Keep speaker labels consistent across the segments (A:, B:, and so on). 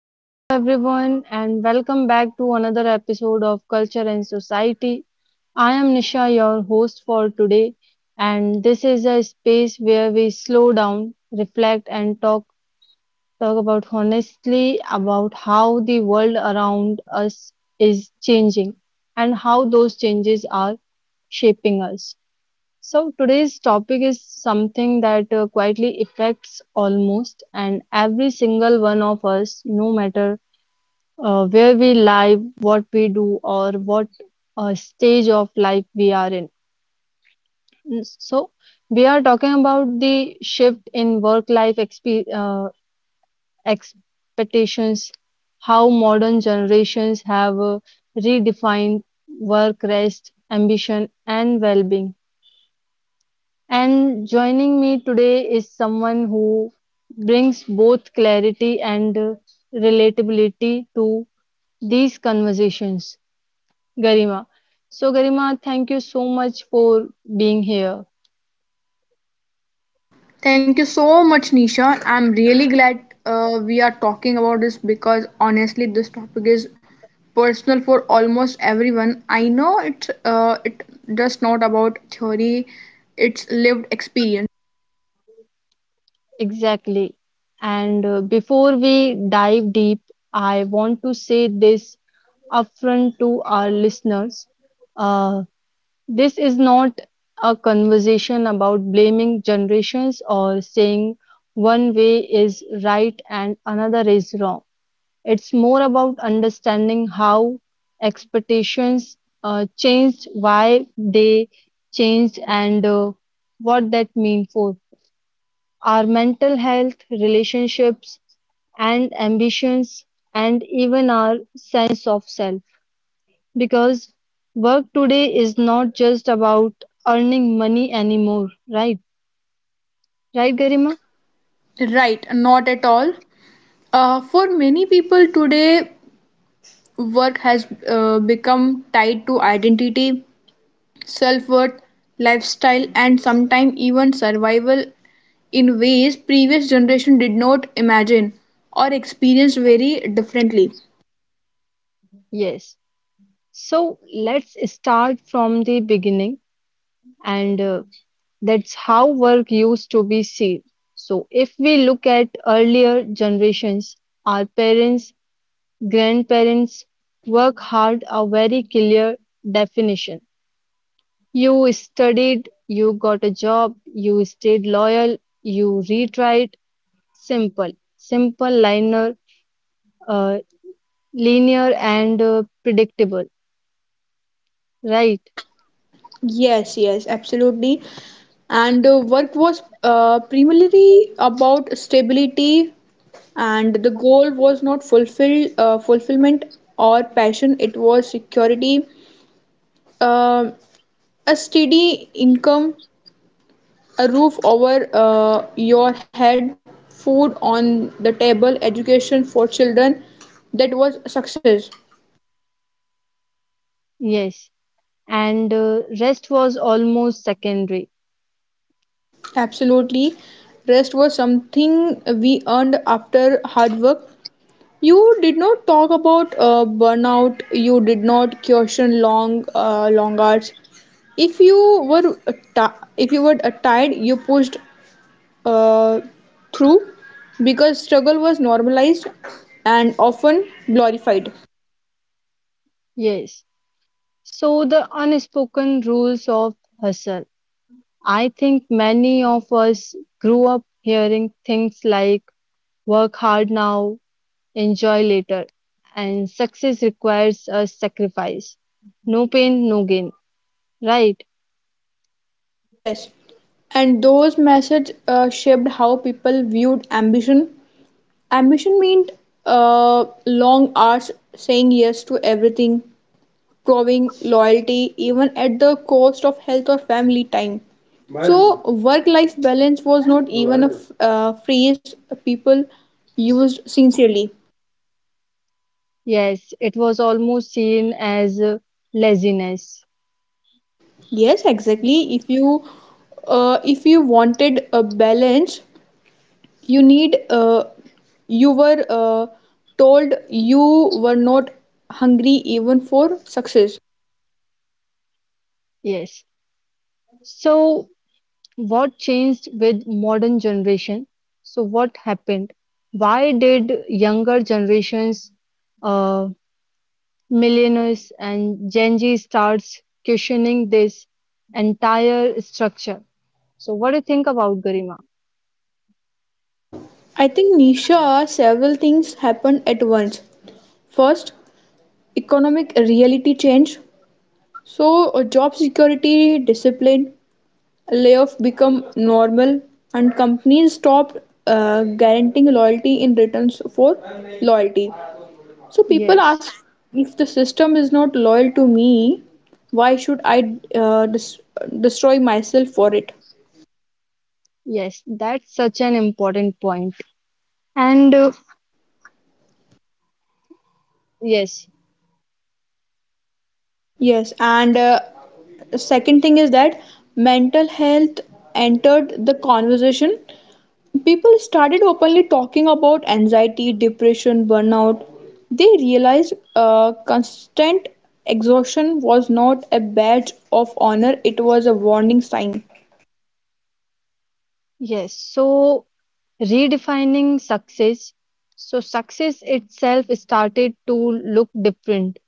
A: Hello, everyone, and welcome back to another episode of Culture and Society. I am Nisha, your host for today, and this is a space where we slow down, reflect, and talk about honestly about how the world around us is changing and how those changes are shaping us. So today's topic is something that quietly affects almost and every single one of us, no matter where we live, what we do, or what stage of life we are in. So, we are talking about the shift in work life expectations, how modern generations have redefined work, rest, ambition, and well being. And joining me today is someone who brings both clarity and relatability to these conversations. Garima. So, Garima, thank you so much for being here.
B: Thank you so much, Nisha. I'm really glad we are talking about this because honestly, this topic is personal for almost everyone. I know it's it just not about theory; it's lived experience.
A: Exactly. And before we dive deep, I want to say this upfront to our listeners. Uh, this is not a conversation about blaming generations or saying one way is right and another is wrong. It's more about understanding how expectations changed, why they changed, and what that means for our mental health, relationships, and ambitions, and even our sense of self. Because work today is not just about earning money anymore, right? Right, Garima?
B: Right, not at all. For many people today, work has become tied to identity, self worth, lifestyle, and sometimes even survival in ways previous generation did not imagine or experience very differently.
A: Yes. So let's start from the beginning and that's how work used to be seen. So, if we look at earlier generations, our parents, grandparents, work hard a very clear definition. You studied, you got a job, you stayed loyal, you retried. Simple, linear, uh, linear and predictable, right?
B: Yes, absolutely. And work was primarily about stability, and the goal was not fulfillment or passion. It was security, um a steady income, a roof over your head, food on the table, education for children. That was success.
A: Yes. And rest was almost secondary.
B: Absolutely. Rest was something we earned after hard work. You did not talk about burnout. You did not question long hours. If you were tired, you pushed uh, through because struggle was normalized and often glorified.
A: Yes. So, the unspoken rules of hustle. I think many of us grew up hearing things like work hard now, enjoy later, and success requires a sacrifice. No pain, no gain, right?
B: Yes, and those methods shaped how people viewed ambition. Ambition meant long hours, saying yes to everything, proving loyalty even at the cost of health or family time. So, work life balance was not even a phrase people used sincerely.
A: Yes, it was almost seen as laziness.
B: Yes, exactly. If you wanted a balance, you need you were told you were not hungry even for success.
A: Yes. So, what changed with modern generation? So, what happened? Why did younger generations? uh, Millionaires and Gen Z starts questioning this entire structure. So, what do you think about Garima?
B: I think, Nisha, are several things happen at once. First, economic reality change. So job security, discipline, layoff become normal, and companies stopped guaranteeing loyalty in returns for loyalty. So people
A: Yes,
B: ask, if the system is not loyal to me, why should I destroy myself for it?
A: yes, that's such an important point. And yes,
B: Yes, and second thing is that mental health entered the conversation. People started openly talking about anxiety, depression, burnout. They realized constant exhaustion was not a badge of honor, it was a warning sign.
A: yes, so redefining success. So, success itself started to look different.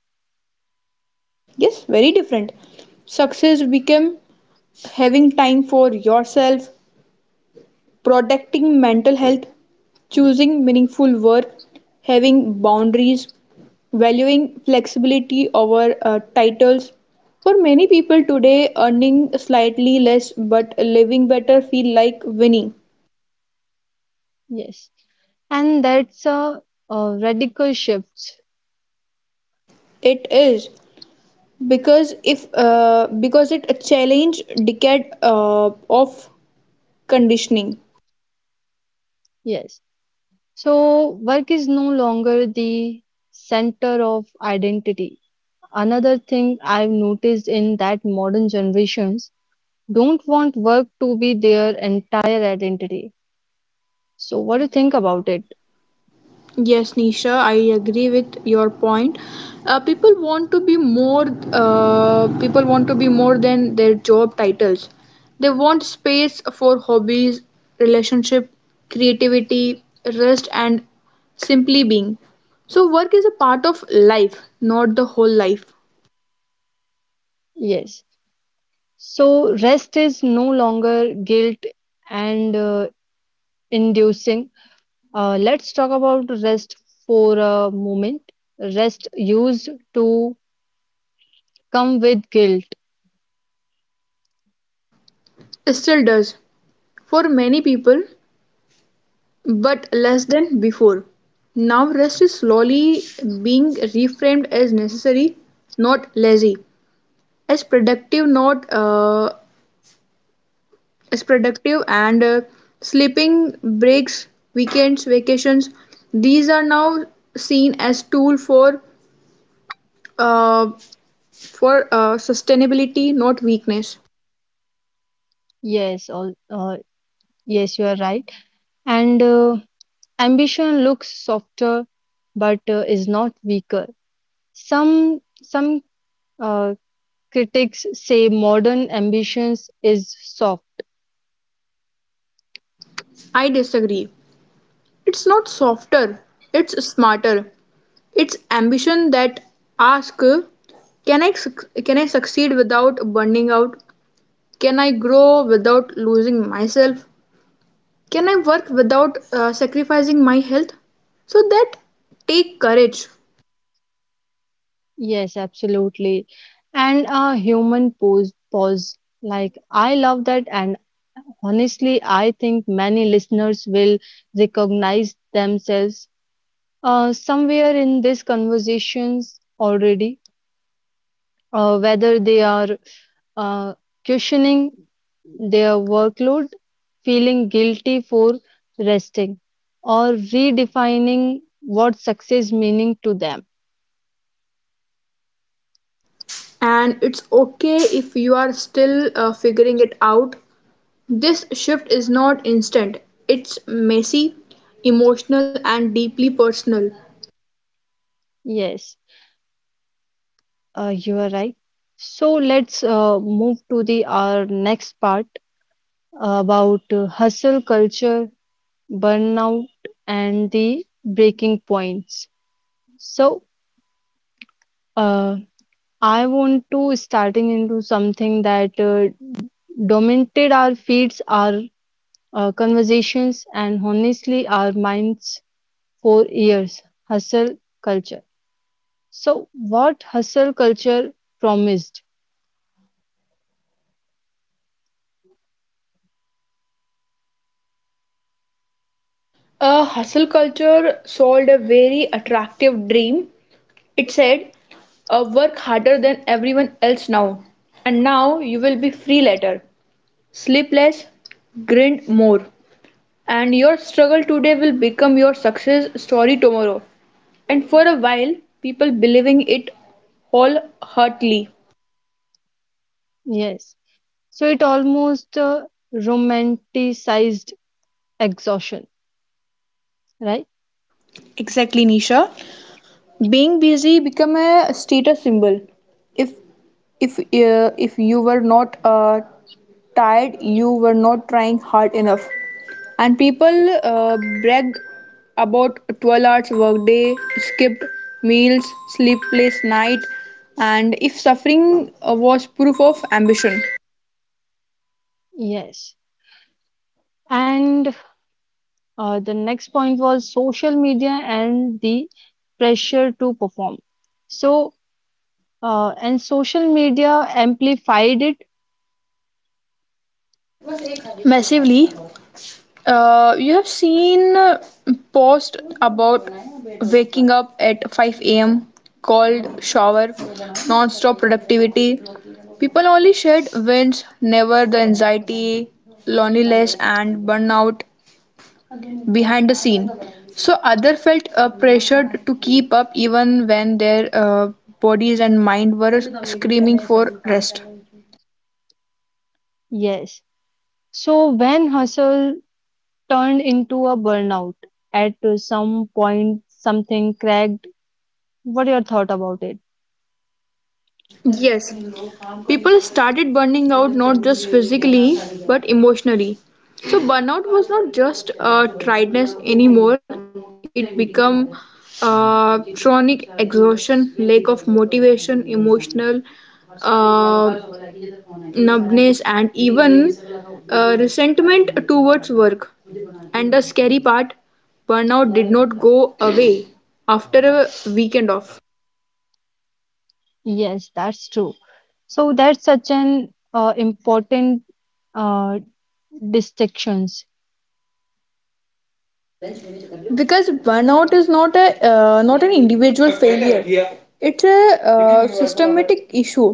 B: Yes, very different. Success became having time for yourself, protecting mental health, choosing meaningful work, having boundaries, valuing flexibility over titles. For many people today, earning slightly less but living better feel like winning.
A: Yes, and that's a radical shift.
B: It is because if because it challenged decade of conditioning.
A: Yes, so work is no longer the center of identity. Another thing I've noticed in that modern generations don't want work to be their entire identity. So what do you think about it?
B: Yes, Nisha, I agree with your point. Uh, people want to be more. People want to be more than their job titles. They want space for hobbies, relationship, creativity, rest, and simply being. So work is a part of life, not the whole life.
A: Yes. So rest is no longer guilt and inducing. Let's talk about rest for a moment. Rest used to come with guilt.
B: Still does for many people, but less than before. Now rest is slowly being reframed as necessary, not lazy. As productive not as productive and sleeping, breaks, weekends, vacations, these are now seen as tool for uh, sustainability, not weakness.
A: Yes, yes, you are right. And ambition looks softer, but is not weaker. Some uh, critics say modern ambitions is soft.
B: I disagree. It's not softer, it's smarter. It's ambition that asks, can I succeed without burning out? Can I grow without losing myself? Can I work without sacrificing my health? So that take courage.
A: Yes, absolutely. And a human pose pause. Like I love that, and honestly, I think many listeners will recognize themselves somewhere in these conversations already, whether they are uh, questioning their workload, feeling guilty for resting, or redefining what success meaning to them.
B: And it's okay if you are still figuring it out. This shift is not instant. It's messy, emotional and deeply personal.
A: Yes, you are right. So let's move to the our next part about hustle culture, burnout, and the breaking points. So uh, I want to starting into something that dominated our feeds, our conversations, and honestly our minds four years. Hustle culture. So what hustle culture promised.
B: A hustle culture sold a very attractive dream. It said, work harder than everyone else now, and now you will be free later. Sleep less, grind more. And your struggle today will become your success story tomorrow. And for a while, people believing it wholeheartedly.
A: Yes, so it almost romanticized exhaustion, right?
B: Exactly, Nisha. Being busy become a status symbol. If if you were not tired, you were not trying hard enough. And people brag about 12 hours workday, skipped meals, sleepless night, and if suffering was proof of ambition.
A: Yes, and the next point was social media and the pressure to perform. So and social media amplified it.
B: Massively. You have seen post about waking up at 5 a.m. called shower, non-stop productivity. People only shared wins, never the anxiety, loneliness, and burnout behind the scene. So other felt pressured to keep up even when their bodies and mind were screaming for rest.
A: Yes, so when hustle turned into a burnout at some point something cracked. What your thought about it?
B: Yes, people started burning out not just physically but emotionally. So burnout was not just a tiredness anymore; it became chronic exhaustion, lack of motivation, emotional uh, numbness, and even resentment towards work. And the scary part, burnout did not go away after a weekend off.
A: Yes, that's true. So that's such an important uh, distinctions.
B: Because burnout is not a not an individual failure, it's a systematic issue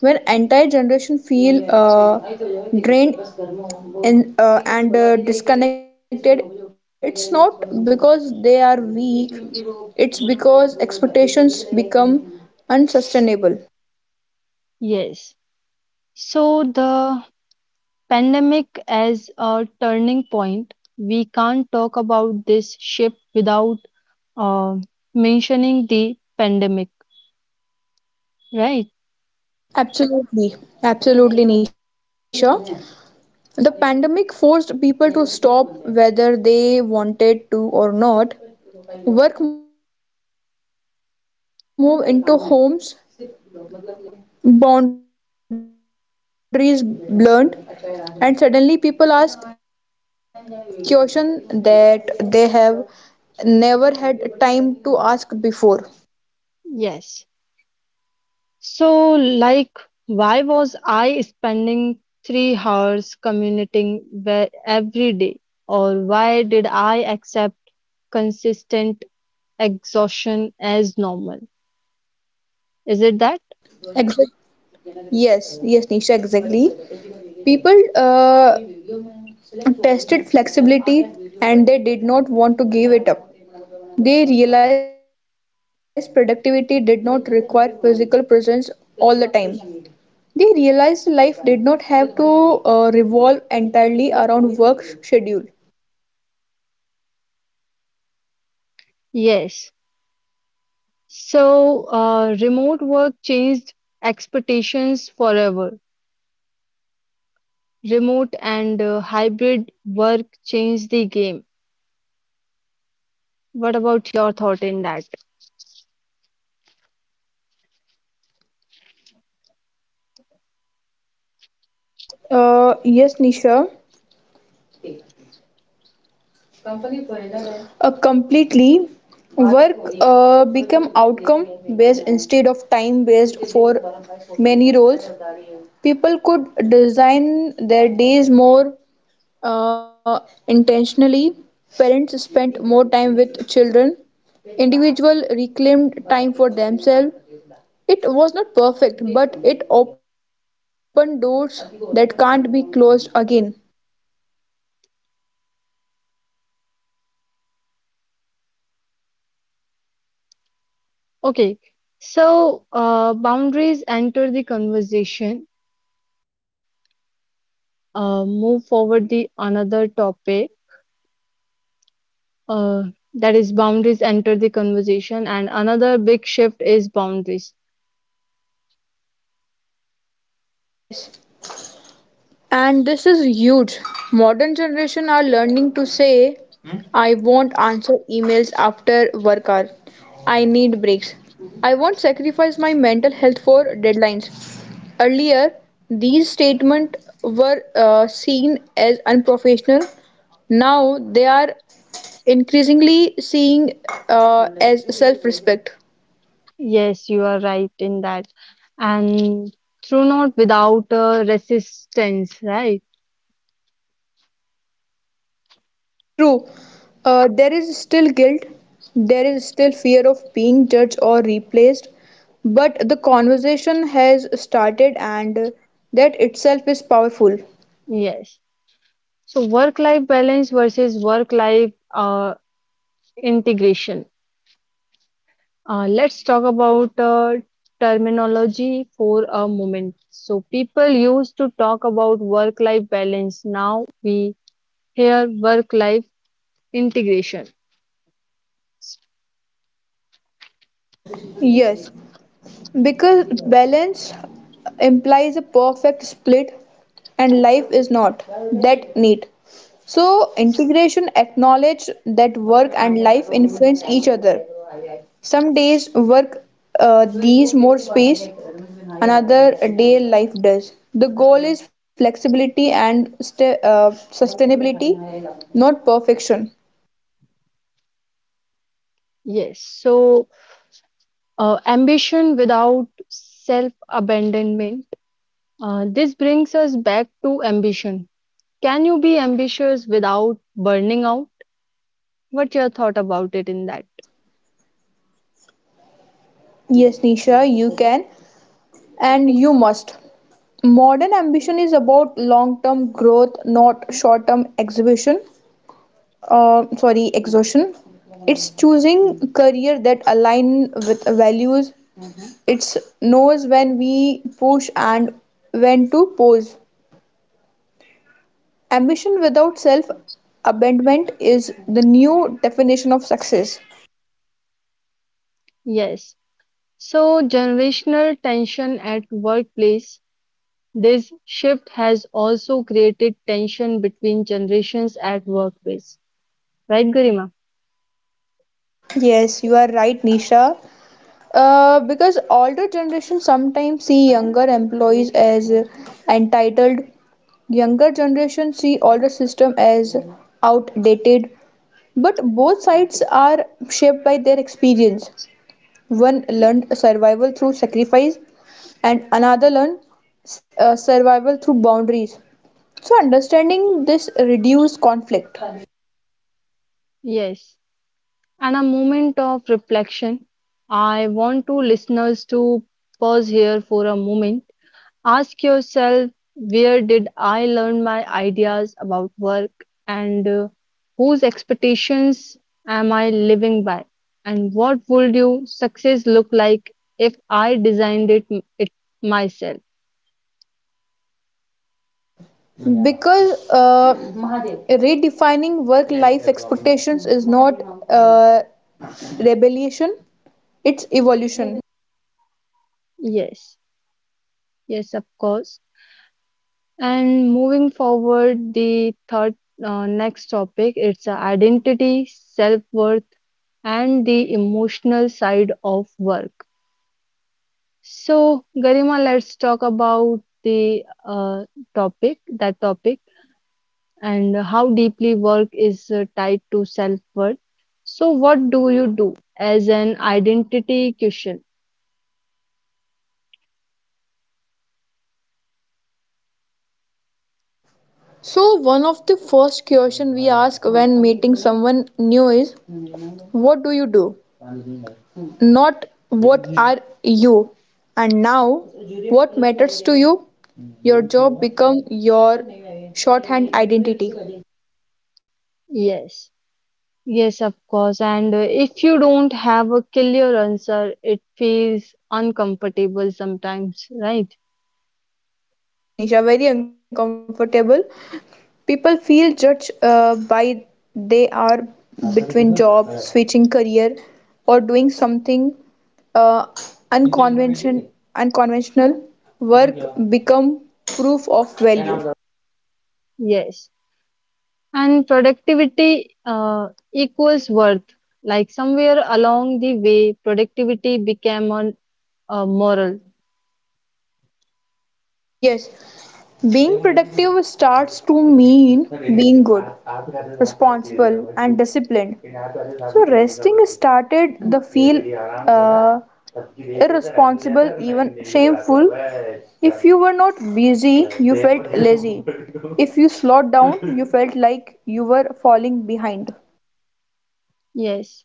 B: where entire generation feel drained and disconnected. It's not because they are weak, it's because expectations become unsustainable.
A: Yes. So the pandemic as a turning point, we can't talk about this shift without uh, mentioning the pandemic, right?
B: Absolutely, absolutely, Nisha. The pandemic forced people to stop whether they wanted to or not. Work moved into homes, and uh, communi- and boundaries blurred, and suddenly people ask question that they have never had time to ask before.
A: Yes. So like, why was I spending 3 hours commuting where every day, or why did I accept consistent exhaustion as normal. Is it that?
B: Exactly. Yes, yes, Nisha, exactly. People tested flexibility and they did not want to give it up. They realized productivity did not require physical presence all the time. They realized life did not have to revolve entirely around work schedule.
A: Yes. So, remote work changed expectations forever. Remote and hybrid work changed the game. What about your thought in that?
B: Yes, Nisha. Completely, work become outcome based instead of time based for many roles. People could design their days more uh, intentionally. Parents spent more time with children. Individual reclaimed time for themselves. It was not perfect, but it opened doors that can't be closed again.
A: Okay. So, boundaries enter the conversation. Move forward the another topic. Uh, that is boundaries enter the conversation and another big shift is boundaries.
B: Yes, and this is huge. Modern generation are learning to say, I won't answer emails after work hour. I need breaks. I won't sacrifice my mental health for deadlines. These statements were seen as unprofessional. Now they are increasingly seen as self-respect.
A: Yes, you are right in that. And through not without resistance, right?
B: True, there is still guilt, there is still fear of being judged or replaced, but the conversation has started, and that itself is powerful.
A: Yes. So work-life balance versus work-life integration. Let's talk about terminology for a moment. So people used to talk about work-life balance. Now we hear work-life integration.
B: Yes. Because balance implies a perfect split, and life is not that neat. So, integration acknowledges that work and life influence each other. Some work these more space, another day life does. The goal is flexibility and sta sustainability, not perfection.
A: Yes. So ambition without self-abandonment. This brings us back to ambition. Can you be ambitious without burning out? What's your thought about it in that?
B: Yes, Nisha, you can and you must. Modern ambition is about long term growth, not short term exhaustion. It's choosing career that align with values. It knows when we push and when to pause. Ambition without self abandonment is the new definition of success.
A: Yes. So, generational tension at workplace. This shift has also created tension between generations at workplace. Right, Garima?
B: Yes, you are right, Nisha. Because older generations sometimes see younger employees as entitled, younger generation see older system as outdated. But both sides are shaped by their experience. One learned survival through sacrifice, and another learned survival through boundaries. So, understanding this reduce conflict.
A: Yes. And a moment of reflection. I want to listeners to pause here for a moment. Ask yourself, where did I learn my ideas about work and whose expectations am I living by? And what would you success look like if I designed it myself?
B: Because redefining work life expectations is not uh, rebellion, it's evolution.
A: Yes, yes, of course. And moving forward, the third next topic it's identity, self worth, and the emotional side of work. So, Garima, let's talk about the topic, that topic, and how deeply work is tied to self-worth. So, what do you do as an identity question?
B: So, one of the first question we ask when meeting someone new is, what do you do? Not what are you? And now, what matters to you? Your job become your shorthand identity.
A: Yes, yes, of course. And if you don't have a clear answer, it feels uncomfortable sometimes, right?
B: Yes, Nisha, very uncomfortable. People feel judged by they are between jobs, switching career, or doing something uh, unconvention, unconventional. Work become proof of value.
A: Yes. And productivity equals worth. Like somewhere along the way, productivity became an moral.
B: Yes. Being productive starts to mean being good, responsible, and disciplined. So resting started the feel uh, irresponsible, even shameful. If you were not busy, you felt lazy. If you slowed down, you felt like you were falling behind.
A: Yes.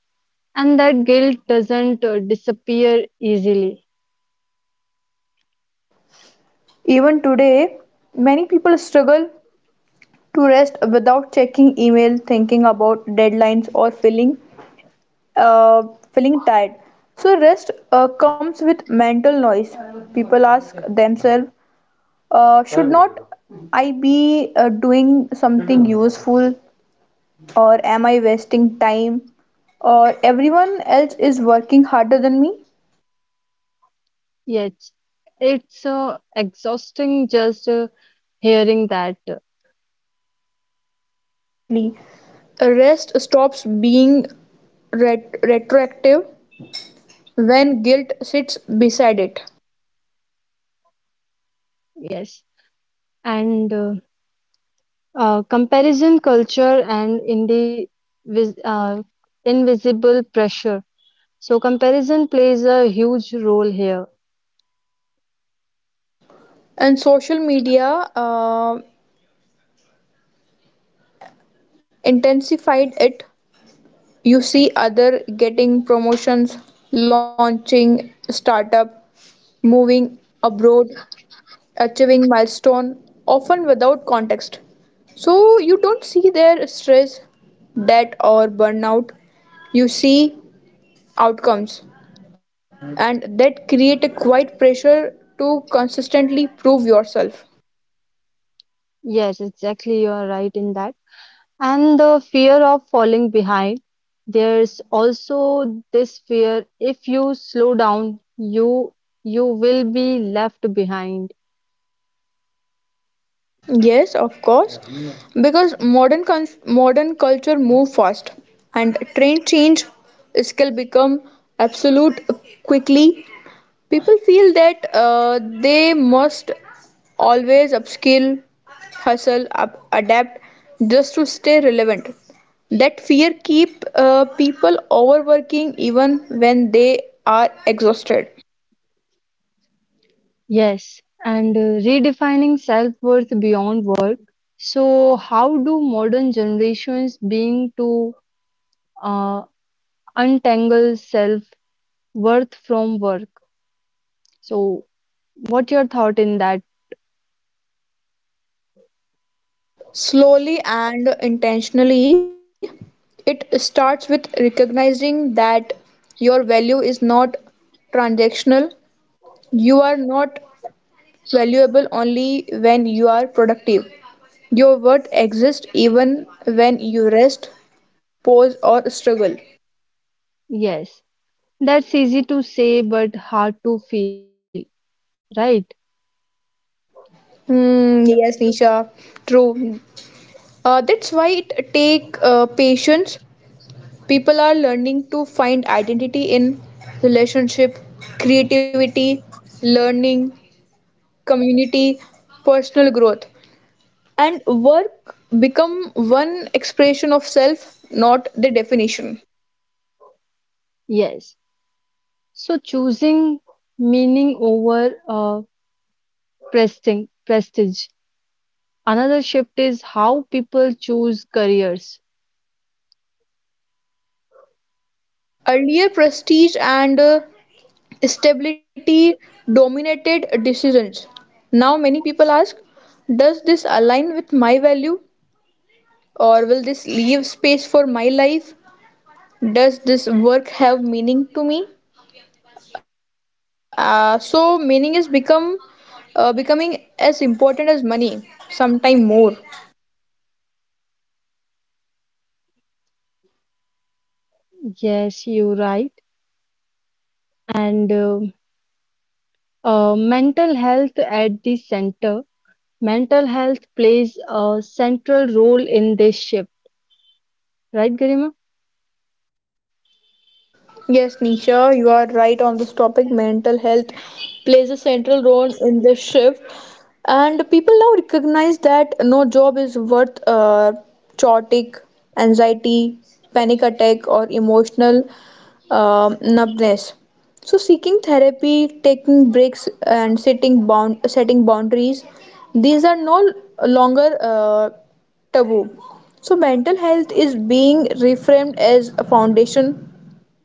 A: And that guilt doesn't disappear easily.
B: Even today, many people struggle to rest without checking email, thinking about deadlines, or feeling uh, feeling tired. So rest comes with mental noise. People ask themselves, should not I be doing something useful, or am I wasting time, or everyone else is working harder than me?
A: Yet, it's exhausting just hearing that. Uh,
B: Exactly. Rest stops being retroactive when guilt sits beside it.
A: yes. And comparison culture and vis- uh, invisible pressure. So, comparison plays a huge role here.
B: And social media uh, intensified it. You see other getting promotions, launching startup, moving abroad, achieving milestone, often without context. So you don't see their stress, debt or burnout. You see outcomes, and that create a quiet pressure to consistently prove yourself.
A: Yes, exactly. You are right in that. And the fear of falling behind. There's also this fear if you slow down, you will be left behind.
B: Yes, of course, because modern culture move fast and trend change, skill become absolute quickly. People feel that they must always upskill, hustle, up, adapt just to stay relevant. That fear keep people overworking even when they are exhausted.
A: Yes, and redefining self-worth beyond work. So how do modern generations being to uh, untangle self-worth from work? So what your thought in that?
B: Slowly and intentionally, it starts with recognizing that your value is not transactional. You are not valuable only when you are productive. Your worth exists even when you rest, pause, or struggle.
A: Yes, that's easy to say but hard to feel, right?
B: Hmm, yes, Nisha, true. That's why it take patience. People are learning to find identity in relationship, creativity, learning, community, personal growth. And work become one expression of self, not the definition.
A: Yes. So choosing meaning over prestige. Another shift is how people choose careers.
B: Earlier, prestige and stability dominated decisions. Now, many people ask, does this align with my value, or will this leave space for my life? Does this work have meaning to me? So meaning is become becoming as important as money, sometime more.
A: Yes, you're right. And mental health at the center. Mental health plays a central role in this shift, right, Garima?
B: Yes, Nisha, you are right on this topic. Mental health plays a central role in this shift, and people now recognize that no job is worth chaotic anxiety, panic attack, or emotional numbness. So, seeking therapy, taking breaks, and setting boundaries, these are no longer taboo. So, mental health is being reframed as a foundation,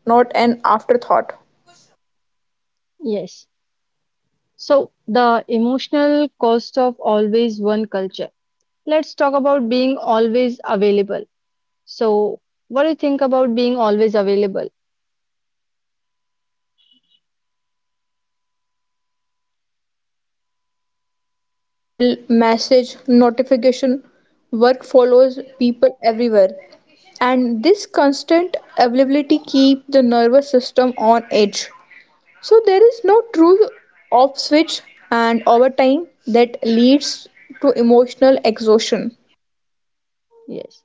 B: not an afterthought.
A: Yes. So the emotional cost of always one culture. Let's talk about being always available. So, what do you think about being always available?
B: Technology blurred boundaries, email, message, notification, work follows people everywhere. And this constant availability keep the nervous system on edge. So there is no true off switch, and over time that leads to emotional exhaustion.
A: Yes.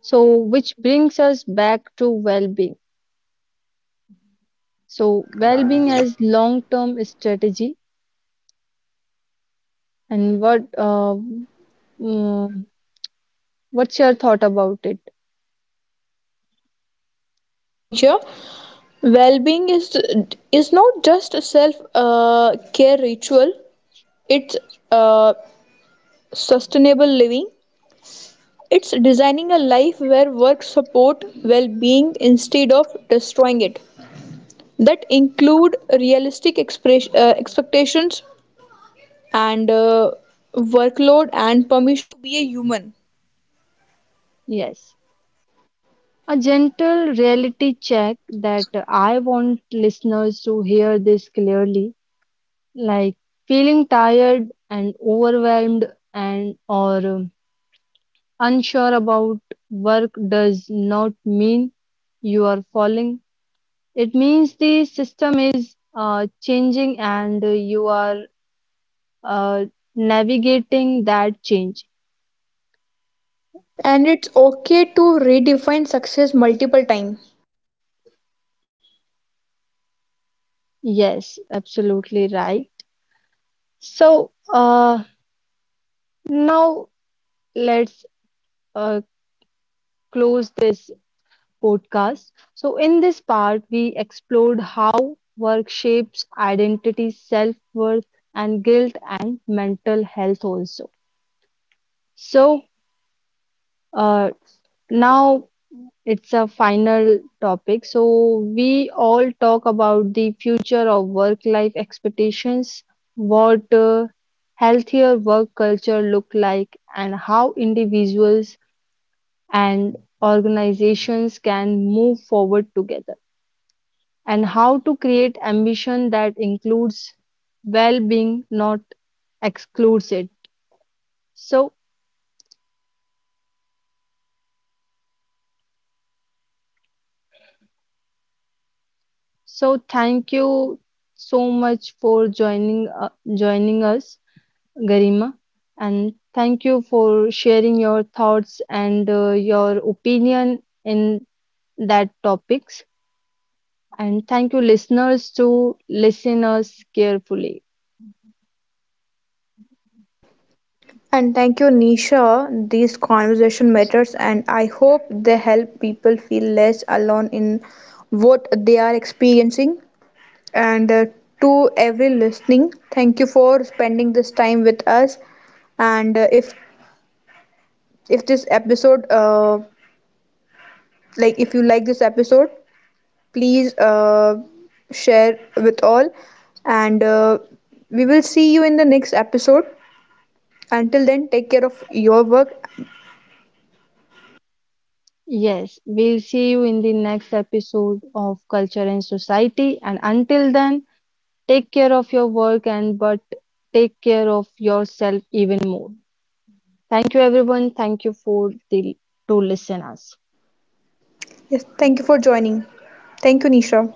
A: So, which brings us back to well being. So, well being as long term strategy, and mm, what's your thought about it?
B: Yes, Nisha. Well-being is not just a self-care ritual. It's uh, sustainable living. It's designing a life where work support well-being instead of destroying it. That include realistic expectations and workload.
A: Yes. A gentle reality check that I want listeners to hear this clearly, like feeling tired and overwhelmed and or unsure about work does not mean you are falling. It means the system is changing and you are uh, navigating that change.
B: And it's okay to redefine success multiple times.
A: Yes, absolutely right. So now let's uh, close this podcast. So in this part, we explored how work shapes identity, self-worth, and guilt and mental health also. So uh, now it's a final topic. So we all talk about the future of work life expectations, what healthier work culture look like and how individuals and organizations can move forward together and how to create ambition that includes well-being not excludes it. So so thank you so much for joining us, Garima, and thank you for sharing your thoughts and your opinion in that topics. And thank you, listeners, to listen us carefully.
B: And thank you, Nisha. These conversation matters, and I hope they help people feel less alone in what they are experiencing. And To every listening, thank you for spending this time with us. And if this episode, if you like this episode, please share with all. And we will see you in the next episode. Until then, take care of your work.
A: Yes, we'll see you in the next episode of Culture and Society. And until then, take care of your work and but take care of yourself even more. Thank you, everyone. Thank you for the to listen us.
B: Yes, thank you for joining. Thank you, Nisha.